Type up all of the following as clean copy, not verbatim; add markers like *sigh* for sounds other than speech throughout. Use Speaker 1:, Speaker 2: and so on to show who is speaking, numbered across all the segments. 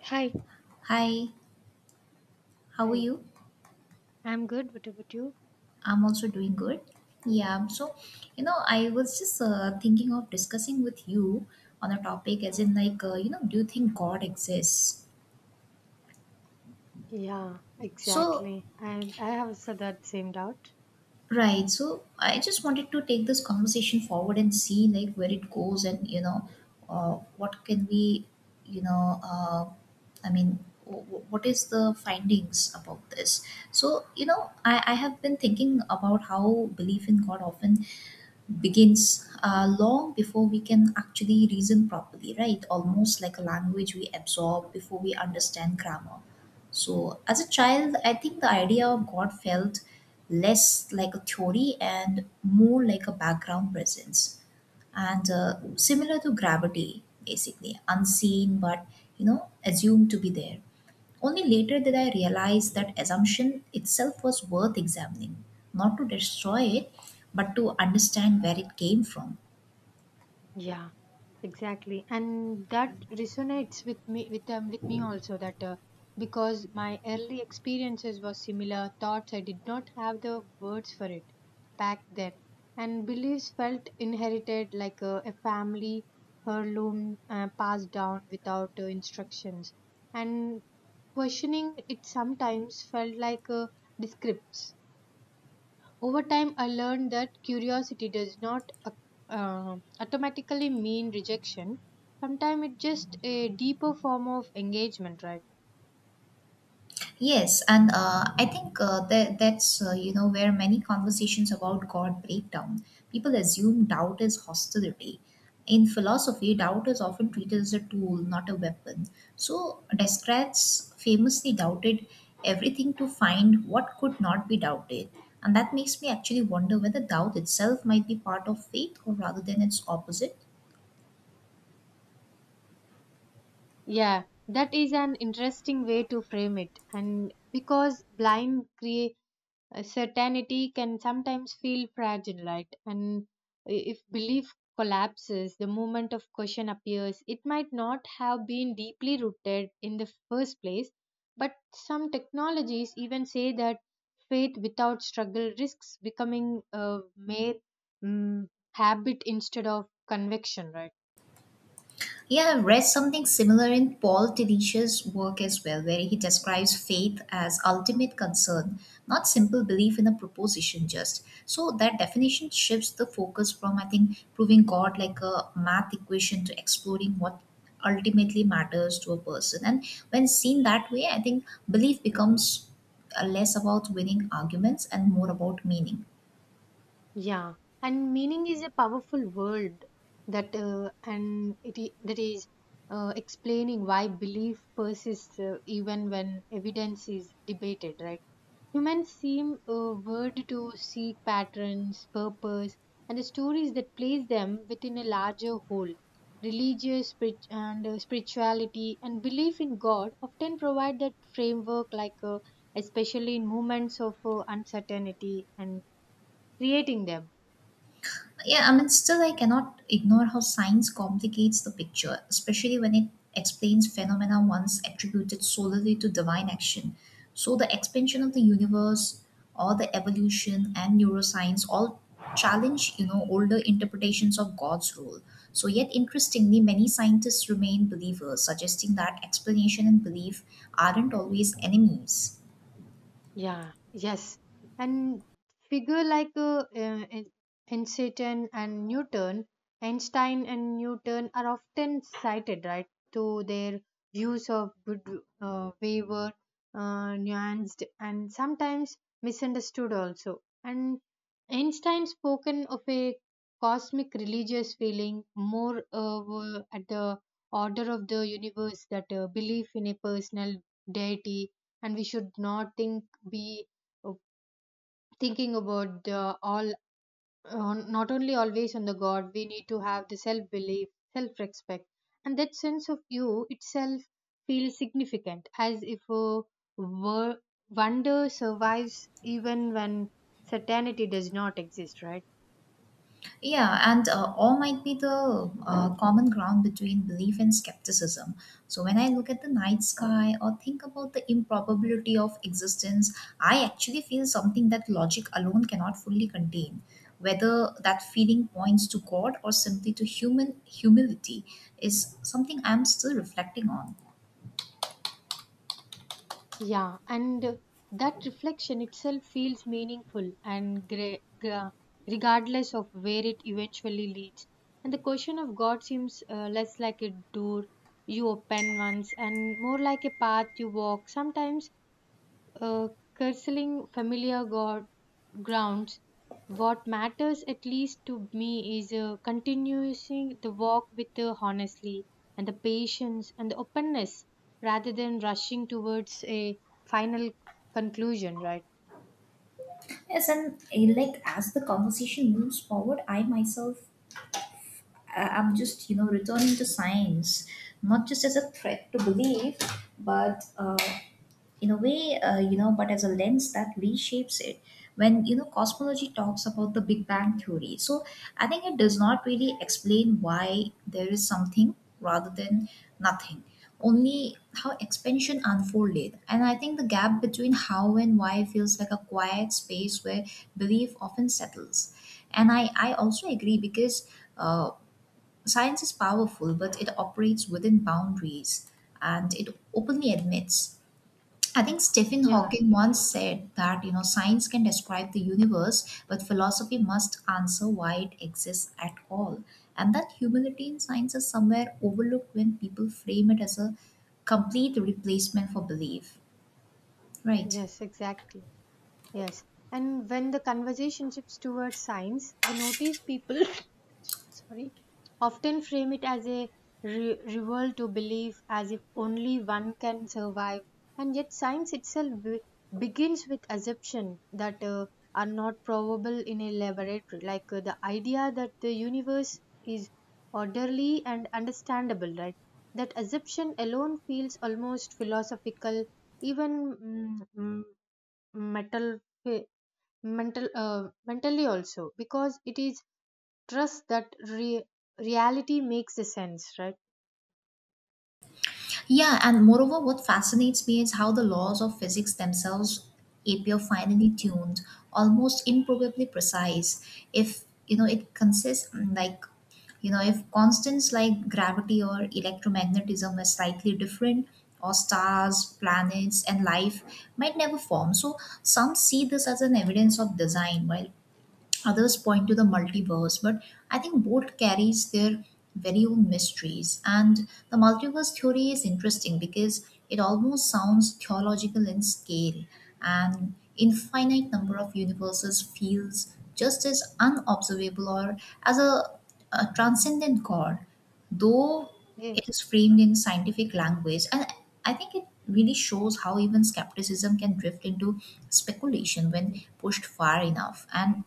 Speaker 1: Hi,
Speaker 2: Hi, how are
Speaker 1: Hi.
Speaker 2: you?
Speaker 1: I'm good. What about you?
Speaker 2: I'm also doing good. Yeah, so you know, I was just Thinking of discussing with you on a topic, as in, do you think God exists?
Speaker 1: Yeah,
Speaker 2: So,
Speaker 1: exactly. I have also that same doubt.
Speaker 2: right, so I just wanted to take this conversation forward and see, where it goes and, you know, what can we, you know, I mean, w- w- what is the findings about this? So I have been thinking about how belief in God often begins long before we can actually reason properly, right? Almost like a language we absorb before we understand grammar. So, as a child, I think the idea of God felt less like a theory and more like a background presence and similar to gravity, basically unseen but, you know, assumed to be there. Only later did I realize that assumption itself was worth examining, not to destroy it, but to understand where it came from.
Speaker 1: Yeah, exactly. And that resonates with me also that because my early experiences were similar thoughts. I did not have the words for it back then. And beliefs felt inherited like a family heirloom passed down without instructions. And questioning it sometimes felt like a descripts. Over time, I learned that curiosity does not automatically mean rejection. Sometimes it's just a deeper form of engagement, right?
Speaker 2: Yes, and I think that that's you know, where many conversations about God break down. People assume doubt is hostility. In philosophy, doubt is often treated as a tool, not a weapon. So Descartes famously doubted everything to find what could not be doubted, and that makes me actually wonder whether doubt itself might be part of faith or rather than its opposite.
Speaker 1: Yeah, that is an interesting way to frame it. And because blind certainty can sometimes feel fragile, right? And if belief collapses, the moment of question appears. It might not have been deeply rooted in the first place, but some technologies even say that faith without struggle risks becoming a mere mm, habit instead of conviction, right?
Speaker 2: Yeah, I've read something similar in Paul Tillich's work as well, where he describes faith as ultimate concern, not simple belief in a proposition just. So that definition shifts the focus from, I think, proving God like a math equation to exploring what ultimately matters to a person. And when seen that way, I think belief becomes less about winning arguments and more about meaning.
Speaker 1: Yeah, and meaning is a powerful word that and it I- that is explaining why belief persists even when evidence is debated, right? Humans seem word to seek patterns, purpose, and the stories that place them within a larger whole. Religious spirit and spirituality and belief in God often provide that framework, like especially in moments of uncertainty and creating them.
Speaker 2: Yeah, I mean, still, I cannot ignore how science complicates the picture, especially when it explains phenomena once attributed solely to divine action. So, the expansion of the universe, or the evolution, and neuroscience all challenge, you know, older interpretations of God's role. So, yet interestingly, many scientists remain believers, suggesting that explanation and belief aren't always enemies.
Speaker 1: Yeah, yes. And figure like Einstein and Einstein and Newton are often cited, right, to their views of good, wayward, nuanced, and sometimes misunderstood also. And Einstein spoken of a cosmic religious feeling more were at the order of the universe that belief in a personal deity, and we should not think be uh, thinking about all on, not only always on the god. We need to have the self belief, self respect, and that sense of you itself feels significant as if a wor- wonder survives even when certainty does not exist, right?
Speaker 2: Yeah, and awe might be the common ground between belief and skepticism. So when I look at the night sky or think about the improbability of existence, I actually feel something that logic alone cannot fully contain. Whether that feeling points to God or simply to human humility is something I'm still reflecting on.
Speaker 1: Yeah, and that reflection itself feels meaningful and regardless of where it eventually leads. And the question of God seems less like a door you open once and more like a path you walk. Sometimes uh, curtailing familiar god grounds. What matters, at least to me, is continuing the walk with the honestly and the patience and the openness, rather than rushing towards a final conclusion. Right?
Speaker 2: Yes, and like, as the conversation moves forward, I myself, I'm just, you know, returning to science, not just as a threat to belief, but you know, but as a lens that reshapes it. When, you know, cosmology talks about the Big Bang theory, so I think it does not really explain why there is something rather than nothing, only how expansion unfolded. And I think the gap between how and why feels like a quiet space where belief often settles. And I also agree because. Uh, Science is powerful, but it operates within boundaries and it openly admits. I think Stephen
Speaker 1: Yeah.
Speaker 2: Hawking once said that, you know, science can describe the universe, but philosophy must answer why it exists at all. And that humility in science is somewhere overlooked when people frame it as a complete replacement for belief, right?
Speaker 1: Yes. Exactly. Yes. And when the conversation shifts towards science, I notice people *laughs* *coughs* sorry, often frame it as a revolt to belief, as if only one can survive. And yet, science itself begins with assumption that are not probable in a laboratory, like the idea that the universe is orderly and understandable, right? That assumption alone feels almost philosophical, even metal eh, mental mentally also because it is trust that reality makes a sense, right?
Speaker 2: Yeah, and moreover, what fascinates me is how the laws of physics themselves appear finely tuned, almost improbably precise. If, you know, it consists like, you know, if constants like gravity or electromagnetism are slightly different, or stars, planets and life might never form. So some see this as an evidence of design while others point to the multiverse, but I think both carries their very own mysteries. And the multiverse theory is interesting because it almost sounds theological in scale, and infinite number of universes feels just as unobservable or as a transcendent god, though
Speaker 1: Ye-
Speaker 2: it is framed in scientific language. And I think it really shows how even skepticism can drift into speculation when pushed far enough. And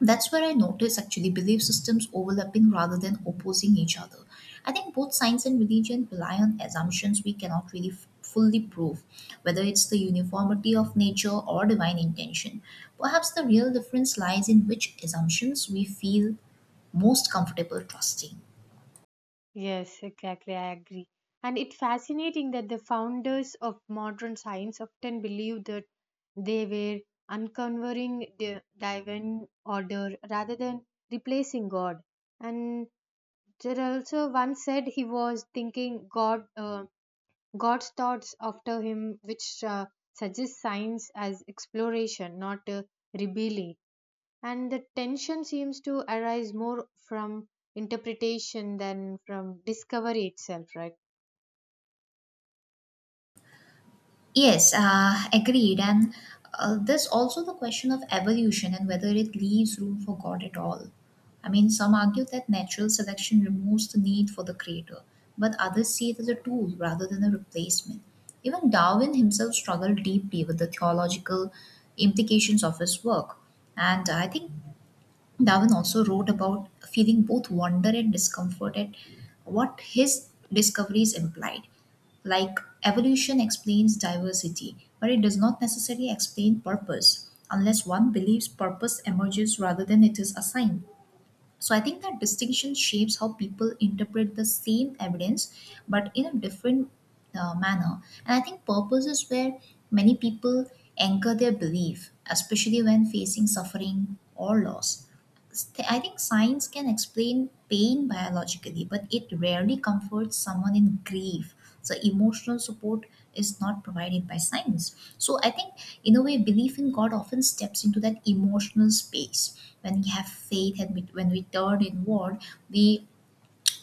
Speaker 2: that's where I notice actually belief systems overlapping rather than opposing each other. I think both science and religion rely on assumptions we cannot really fully prove, whether it's the uniformity of nature or divine intention. Perhaps the real difference lies in which assumptions we feel most comfortable trusting.
Speaker 1: Yes, exactly. I agree. And it's fascinating that the founders of modern science often believed that they were uncovering the divine order rather than replacing God. And there also one said he was thinking God. God's thoughts after him, which suggests science as exploration, not rebellion. And the tension seems to arise more from interpretation than from discovery itself, right?
Speaker 2: Yes, agreed. And there's also the question of evolution and whether it leaves room for God at all. I mean, some argue that natural selection removes the need for the creator, but others see it as a tool rather than a replacement. Even Darwin himself struggled deeply with the theological implications of his work. And I think Darwin also wrote about feeling both wonder and discomfort at what his discoveries implied. Like, evolution explains diversity, but it does not necessarily explain purpose unless one believes purpose emerges rather than it is assigned. So I think that distinction shapes how people interpret the same evidence but in a different manner. And I think purpose is where many people anchor their belief, especially when facing suffering or loss. I think science can explain pain biologically, but it rarely comforts someone in grief. So emotional support is not provided by science. So I think, in a way, belief in God often steps into that emotional space. When we have faith and we, when we turn inward, we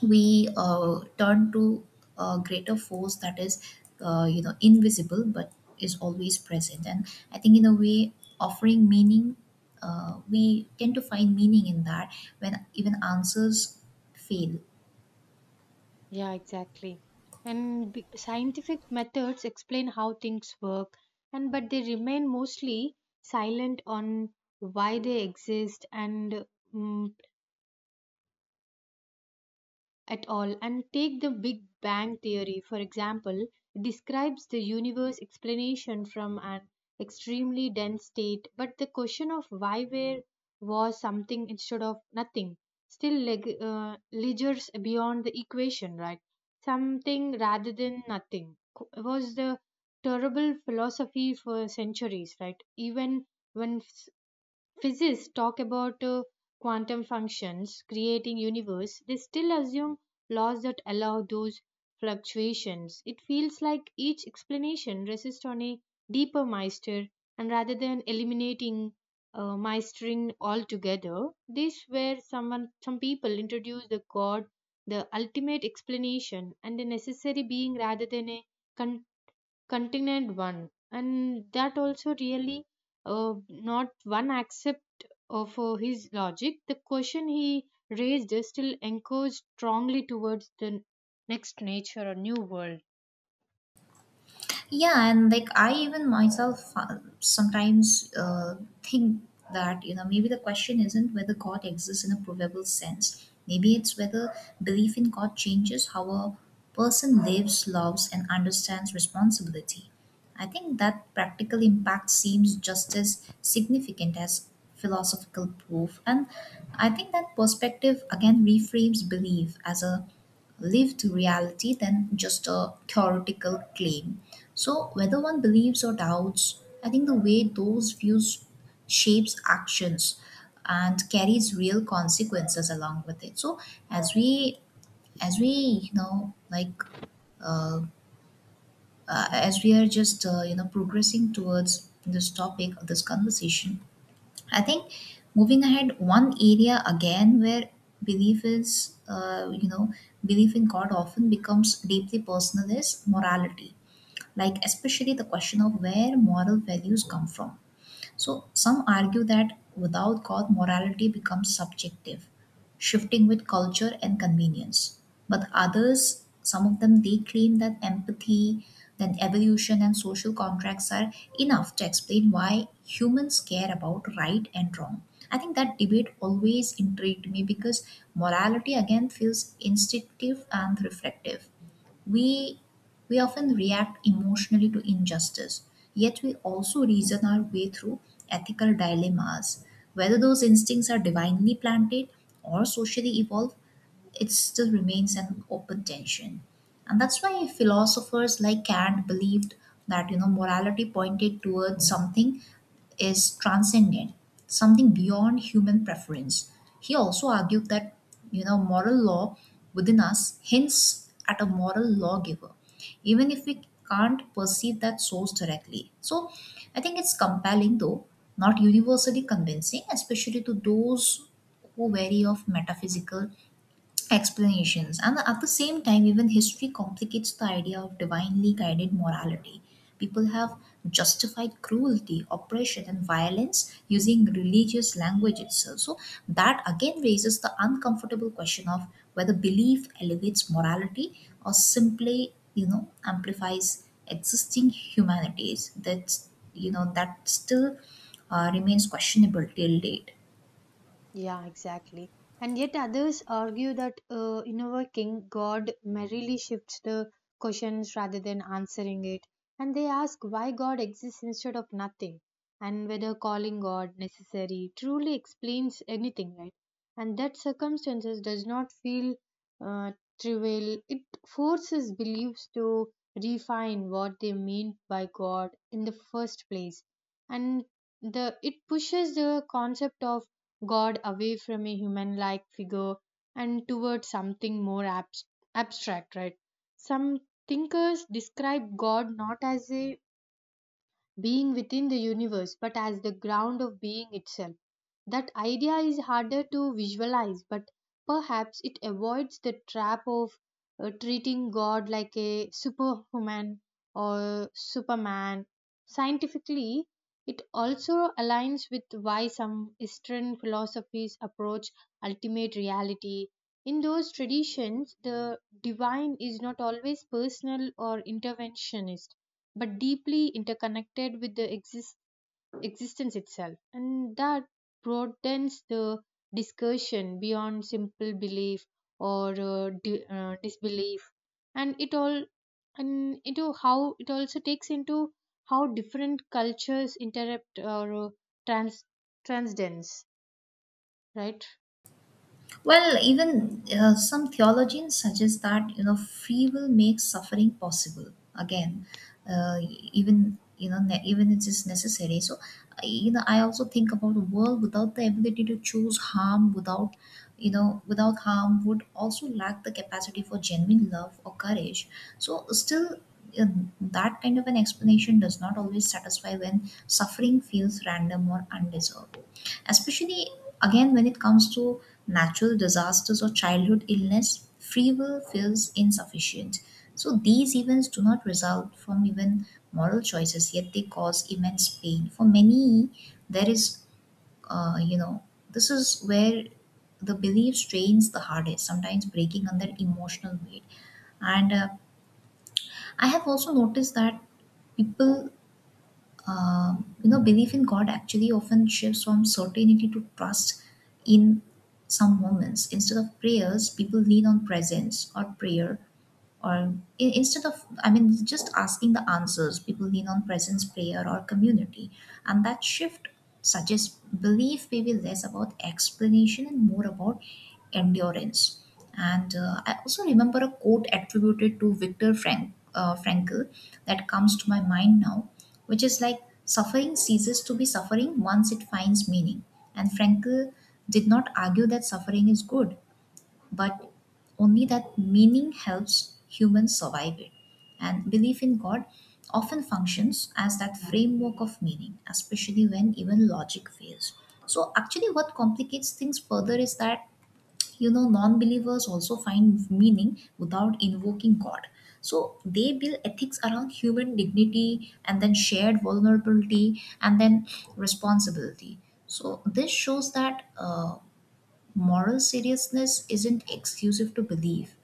Speaker 2: we turn to a greater force that is, you know, invisible but is always present, and I think, in a way, offering meaning. We tend to find meaning in that when even answers fail.
Speaker 1: Yeah, exactly. And scientific methods explain how things work, and but they remain mostly silent on why they exist and mm at all. And take the big bang theory for example, describes the universe explanation from an extremely dense state, but the question of why there was something instead of nothing still lingers beyond the equation, right? Something rather than nothing was the terrible philosophy for centuries, right? Even when physicists talk about quantum functions creating universe, they still assume laws that allow those fluctuations. It feels like each explanation rests on a deeper mystery, and rather than eliminating mastering altogether, this where someone some people introduce the god, the ultimate explanation and the necessary being rather than a con- Continent one. And that also really not one accept of his logic, the question he raised still echoes strongly towards the next nature or new world.
Speaker 2: Yeah, and like, I even myself sometimes think that, you know, maybe the question isn't whether god exists in a provable sense. Maybe it's whether belief in god changes how a person lives, loves and understands responsibility. I think that practical impact seems just as significant as philosophical proof, and I think that perspective again reframes belief as a lived reality than just a theoretical claim. So, whether one believes or doubts, I think the way those views shapes actions and carries real consequences along with it. So, as we, as we, you know, like, uh, as we are just, you know, progressing towards this topic, this conversation, I think moving ahead, one area again where belief is, belief in God often becomes deeply personal is morality. Like, especially the question of where moral values come from. So, some argue that without God, morality becomes subjective, shifting with culture and convenience. But others, some of them, they claim that empathy, then evolution, and social contracts are enough to explain why humans care about right and wrong. I think that debate always intrigued me because morality again feels instinctive and reflective. We we often react emotionally to injustice, yet we also reason our way through ethical dilemmas. Whether those instincts are divinely planted or socially evolved, it still remains an open tension. And that's why philosophers like Kant believed that, you know, morality pointed towards something is transcendent, something beyond human preference. He also argued that, you know, moral law within us hints at a moral lawgiver, even if we can't perceive that source directly. So I think it's compelling though, not universally convincing, especially to those who vary of metaphysical explanations. And at the same time, even history complicates the idea of divinely guided morality. People have justified cruelty, oppression, and violence using religious language itself. So, that again raises the uncomfortable question of whether belief elevates morality or simply, you know, amplifies existing humanities. That's, you know, that still remains questionable till date.
Speaker 1: Yeah, exactly. And yet others argue that invoking God merely shifts the questions rather than answering it. And they ask why God exists instead of nothing, and whether calling God necessary truly explains anything, right? And that circumstances does not feel uh, trivial. It forces beliefs to refine what they mean by God in the first place, and the it pushes the concept of God away from a human like figure and towards something more abstract, right? Some thinkers describe God not as a being within the universe but as the ground of being itself. That idea is harder to visualize, but perhaps it avoids the trap of treating God like a superhuman or superman. Scientifically, it also aligns with why some Eastern philosophies approach ultimate reality. In those traditions, the divine is not always personal or interventionist but deeply interconnected with the existence itself. And that broadens the discussion beyond simple belief or disbelief. And it all and into how it also takes into how different cultures interrupt or trans transcendence, right?
Speaker 2: Well, even some theologians suggest that, you know, free will makes suffering possible. Again, uh, even, you know, even it is necessary. So you know, I also think about a world without the ability to choose harm, without, you know, without harm would also lack the capacity for genuine love or courage. So still. uh, That kind of an explanation does not always satisfy when suffering feels random or undeserved. Especially again, when it comes to natural disasters or childhood illness, free will feels insufficient. So these events do not result from even moral choices, yet they cause immense pain. For many, there is, uh, you know, this is where the belief strains the hardest, sometimes breaking under emotional weight. And I have also noticed that people uh, belief in god actually often shifts from certainty to trust in some moments. Instead of prayers, people lean on presence or prayer, or instead of just asking the answers, people lean on presence, prayer, or community. And that shift suggests belief may be less about explanation and more about endurance. And I also remember a quote attributed to Viktor frankl that comes to my mind now, which is like, suffering ceases to be suffering once it finds meaning. And frankl did not argue that suffering is good, but only that meaning helps humans survive it. And belief in God often functions as that framework of meaning, especially when even logic fails. So, actually, what complicates things further is that, you know, non believers also find meaning without invoking God. So they build ethics around human dignity, and then shared vulnerability, and then responsibility. So this shows that, moral seriousness isn't exclusive to belief,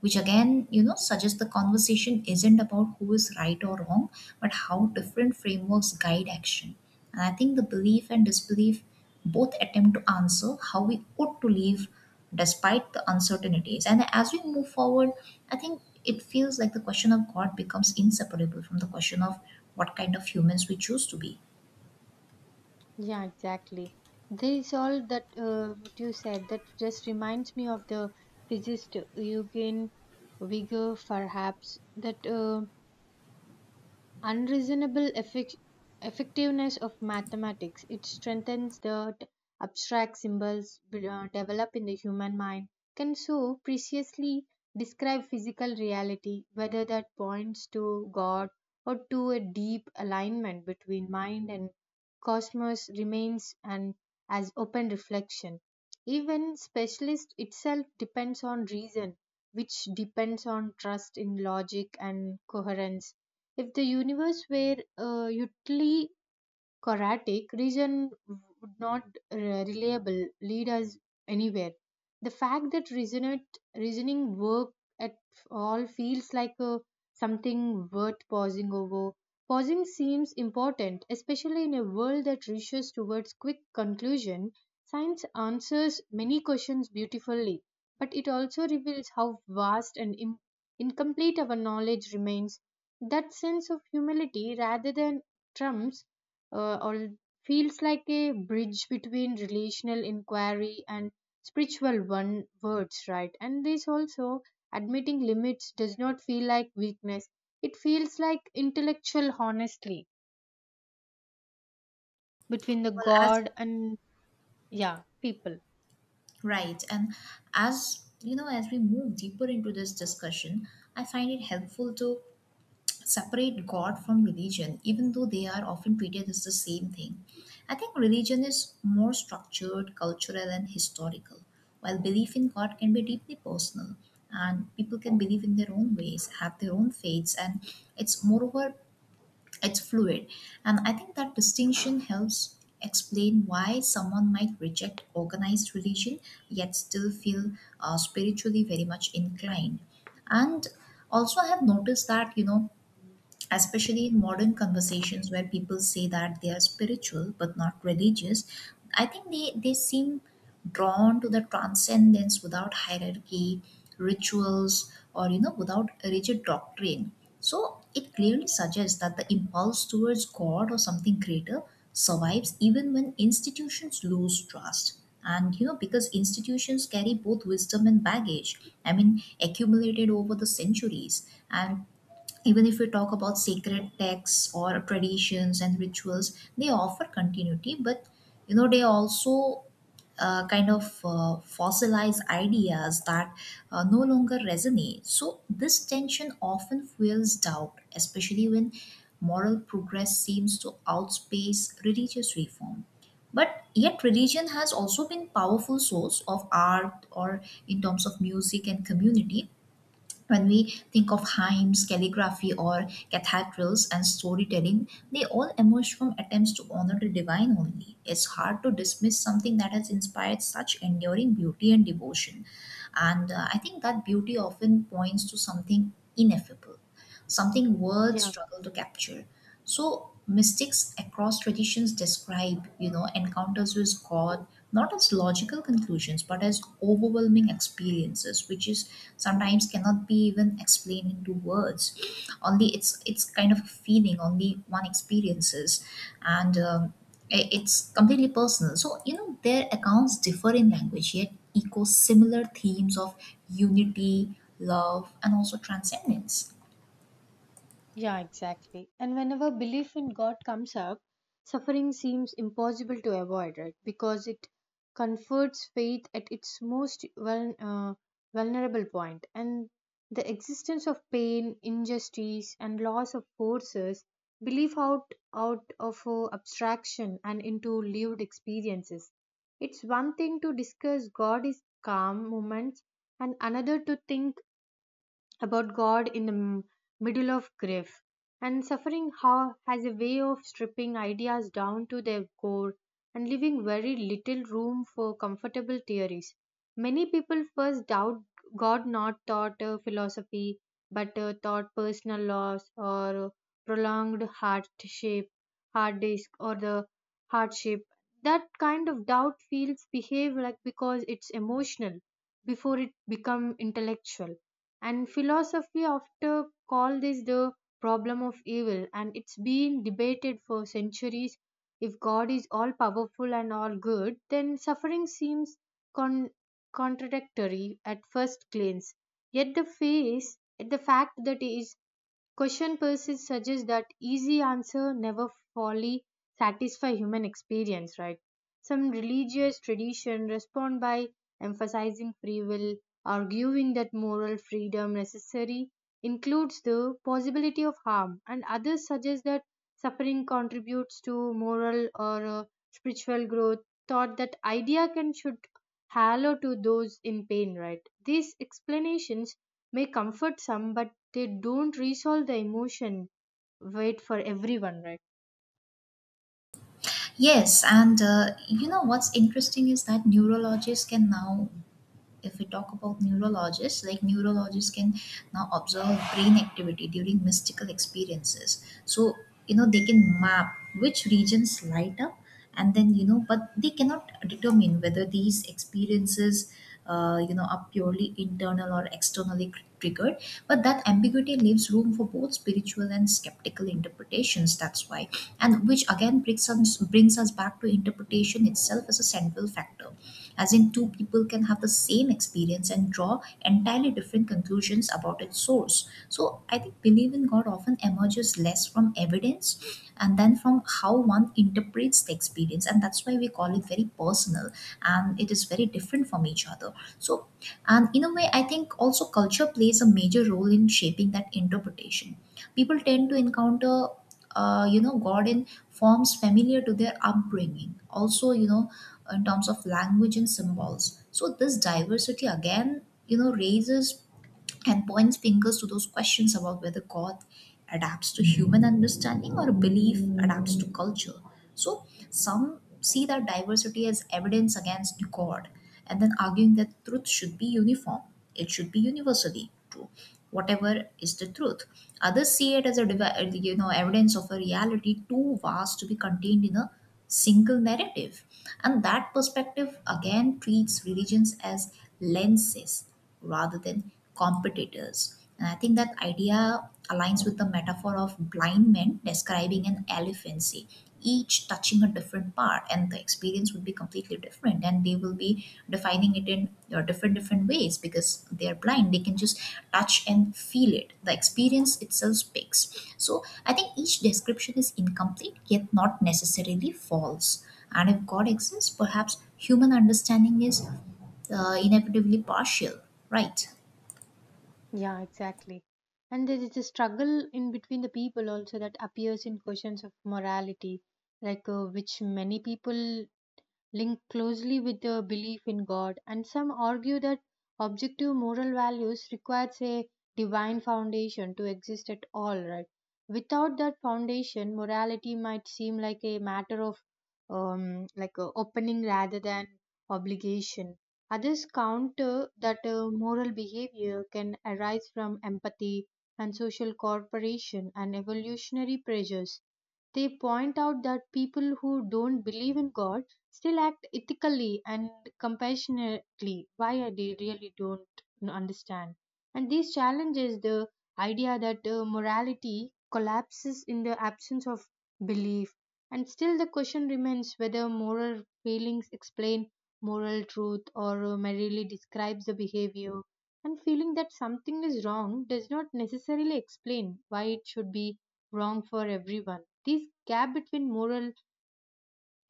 Speaker 2: which again, you know, suggests the conversation isn't about who is right or wrong, but how different frameworks guide action. And I think the belief and disbelief both attempt to answer how we ought to live despite the uncertainties. And as we move forward, I think it feels like the question of god becomes inseparable from the question of what kind of humans we choose to be
Speaker 1: Yeah, exactly. This is all that what you said that just reminds me of the physicist Eugen Wigner, perhaps that unreasonable effectiveness of mathematics. It strengthens the abstract symbols developed in the human mind, can so preciously describe physical reality, whether that points to God or to a deep alignment between mind and cosmos remains an as open reflection. Even specialist itself depends on reason, which depends on trust in logic and coherence. If the universe were utterly Choratic, region would not reliable lead us anywhere. The fact that reasoning work at all feels like something worth pausing over. Pausing seems important, especially in a world that rushes towards quick conclusion. Science answers many questions beautifully, but it also reveals how vast and incomplete our knowledge remains. That sense of humility rather than trumps or feels like a bridge between relational inquiry and spiritual one words, right? And this also admitting limits does not feel like weakness, it feels like intellectual honestly between the
Speaker 2: well as.
Speaker 1: god and yeah people
Speaker 2: Right. And as you know, as we move deeper into this discussion, I find it helpful to separate God from religion, even though they are often treated as the same thing. I think religion is more structured, cultural, and historical, while belief in God can be deeply personal. And people can believe in their own ways, have their own faiths, and it's moreover it's fluid. And I think that distinction helps explain why someone might reject organized religion, yet still feel spiritually very much inclined. And also I have noticed that, you know, especially in modern conversations where people say that they are spiritual but not religious, I think they seem drawn to the transcendence without hierarchy, rituals, or you know, without a rigid doctrine. So it clearly suggests that the impulse towards god or something greater survives even when institutions lose trust. And you know, because institutions carry both wisdom and baggage, I mean accumulated over the centuries. And even if we talk about sacred texts or traditions and rituals, they offer continuity, but you know, they also kind of fossilize ideas that no longer resonate. So this tension often fuels doubt, especially when moral progress seems to outpace religious reform. But yet religion has also been powerful source of art, or in terms of music and community. When we think of hymns, calligraphy, or cathedrals and storytelling, they all emerge from attempts to honor the divine only. It's hard to dismiss something that has inspired such enduring beauty and devotion. And I think that beauty often points to something ineffable, something words
Speaker 1: yeah.
Speaker 2: struggle to capture. So mystics across traditions describe, you know, encounters with God, not as logical conclusions but as overwhelming experiences, which is sometimes cannot be even explained into words. Only it's kind of a feeling only one experiences, and it's completely personal. So you know, their accounts differ in language yet echo similar themes of unity, love, and also transcendence.
Speaker 1: Yeah, exactly. And whenever belief in God comes up, suffering seems impossible to avoid, right? Because it comforts faith at its most vulnerable point. And the existence of pain, injustice, and loss of forces belief out of abstraction and into lived experiences. It's one thing to discuss God is calm moments, and another to think about God in the middle of grief. And suffering how has a way of stripping ideas down to their core and leaving very little room for comfortable theories. Many people first doubt God not thought philosophy, but taught personal loss or prolonged hardship, hard disk or the hardship. That kind of doubt feels behave like because it's emotional before it become intellectual. And philosophy often call this the problem of evil, and it's been debated for centuries. If god is all powerful and all good, then suffering seems con- contradictory at first glance, yet the face the fact that he is question pursuits suggests that easy answer never fully satisfy human experience, right? Some religious tradition respond by emphasizing free will, arguing that moral freedom necessary includes the possibility of harm, and others suggest that suffering contributes to moral or spiritual growth. Thought that idea can should hallow to those in pain, right? These explanations may comfort some but they don't resolve the emotion wait for everyone, right?
Speaker 2: Yes, and you know, what's interesting is that neurologists can now if we talk about neurologists, like neurologists can now observe brain activity during mystical experiences. So, you know, they can map which regions light up, and then, you know, but they cannot determine whether these experiences, are purely internal or externally triggered. But that ambiguity leaves room for both spiritual and skeptical interpretations. That's why, and which again brings us back to interpretation itself as a central factor, as in two people can have the same experience and draw entirely different conclusions about its source. So I think belief in God often emerges less from evidence and then from how one interprets the experience. And that's why we call it very personal, and it is very different from each other. So, and in a way, I think also culture plays a major role in shaping that interpretation. People tend to encounter you know, god in forms familiar to their upbringing, also you know, in terms of language and symbols. So this diversity again, you know, raises and points fingers to those questions about whether God adapts to human understanding or belief adapts to culture. So some see that diversity as evidence against God and then arguing that truth should be uniform, it should be universally true. Whatever is the truth, others see it as a you know, evidence of a reality too vast to be contained in a single narrative. And that perspective again treats religions as lenses rather than competitors. And I think that idea aligns with the metaphor of blind men describing an elephant, say, each touching a different part, and the experience would be completely different, and they will be defining it in different ways, because they are blind, they can just touch and feel it, the experience itself speaks. So I think each description is incomplete, yet not necessarily false. And if god exists, perhaps human understanding is inevitably partial, right?
Speaker 1: Yeah, exactly. And there is a struggle in between the people also that appears in questions of morality, like which many people linked closely with the belief in God, and some argue that objective moral values requires a divine foundation to exist at all, right? Without that foundation, morality might seem like a matter of like a opening rather than obligation. Others counter that moral behavior can arise from empathy and social cooperation and evolutionary pressures. They point out that people who don't believe in God still act ethically and compassionately, why I really don't understand. And these challenges the idea that morality collapses in the absence of belief. And still the question remains whether moral feelings explain moral truth or merely describes the behavior. And feeling that something is wrong does not necessarily explain why it should be wrong for everyone. This gap between moral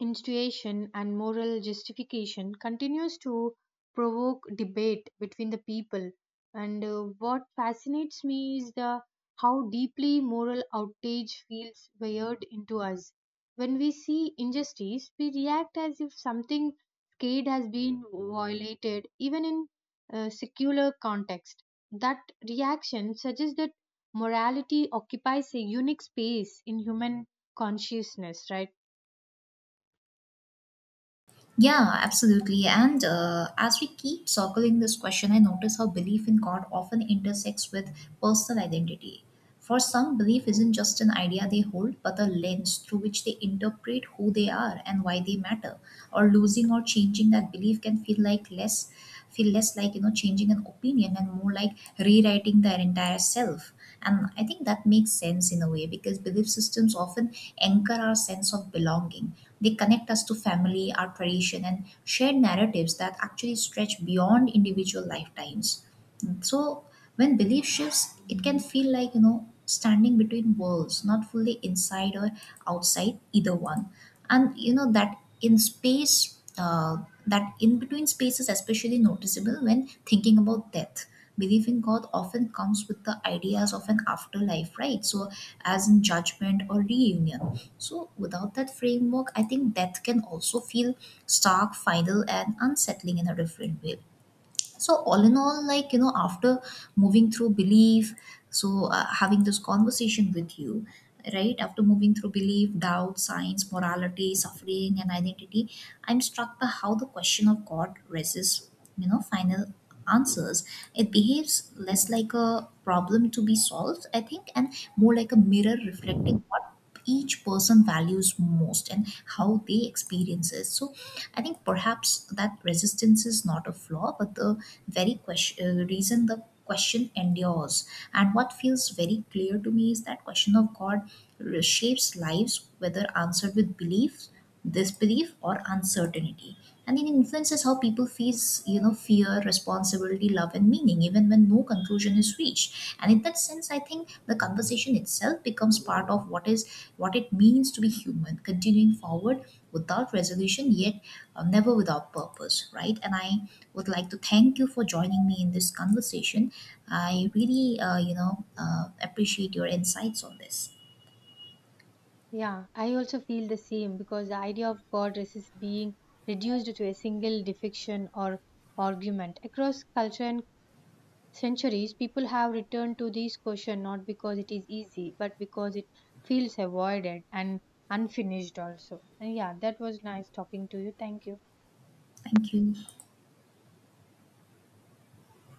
Speaker 1: institution and moral justification continues to provoke debate between the people. And what fascinates me is the how deeply moral outrage feels wired into us. When we see injustice we react as if something scared has been violated, even in a secular context. That reaction suggests that morality occupies a unique space in human consciousness, right?
Speaker 2: Yeah, absolutely. And as we keep circling this question, I notice how belief in God often intersects with personal identity. For some, belief isn't just an idea they hold, but a lens through which they interpret who they are and why they matter. Or losing or changing that belief can feel like less like, you know, changing an opinion, and more like rewriting their entire self. And I think that makes sense in a way, because belief systems often anchor our sense of belonging. They connect us to family, our tradition, and shared narratives that actually stretch beyond individual lifetimes. So when belief shifts, it can feel like, you know, standing between worlds, not fully inside or outside either one. And you know, that in space, that in between space is especially noticeable when thinking about death. Belief in god often comes with the ideas of an afterlife, right? So as in judgment or reunion. So without that framework, I think death can also feel stark, final, and unsettling in a different way. So all in all, like you know, after moving through belief, so having this conversation with you, right after moving through belief, doubt, science, morality, suffering, and identity, I'm struck by how the question of god resists, you know, final answers. It behaves less like a problem to be solved, I think, and more like a mirror reflecting what each person values most and how they experience it. So I think perhaps that resistance is not a flaw, but the very question reason the question endures. And what feels very clear to me is that question of god shapes lives, whether answered with belief, disbelief, or uncertainty. And it influences how people face, you know, fear, responsibility, love, and meaning, even when no conclusion is reached. And in that sense, I think the conversation itself becomes part of what it means to be human, continuing forward without resolution, yet never without purpose, right? And I would like to thank you for joining me in this conversation. I really appreciate your insights on this.
Speaker 1: Yeah, I also feel the same because the idea of God resists being reduced to a single defection or argument. Across culture and centuries, people have returned to this question not because it is easy, but because it feels avoided and unfinished also. And yeah, that was nice talking to you. Thank you.
Speaker 2: Thank you.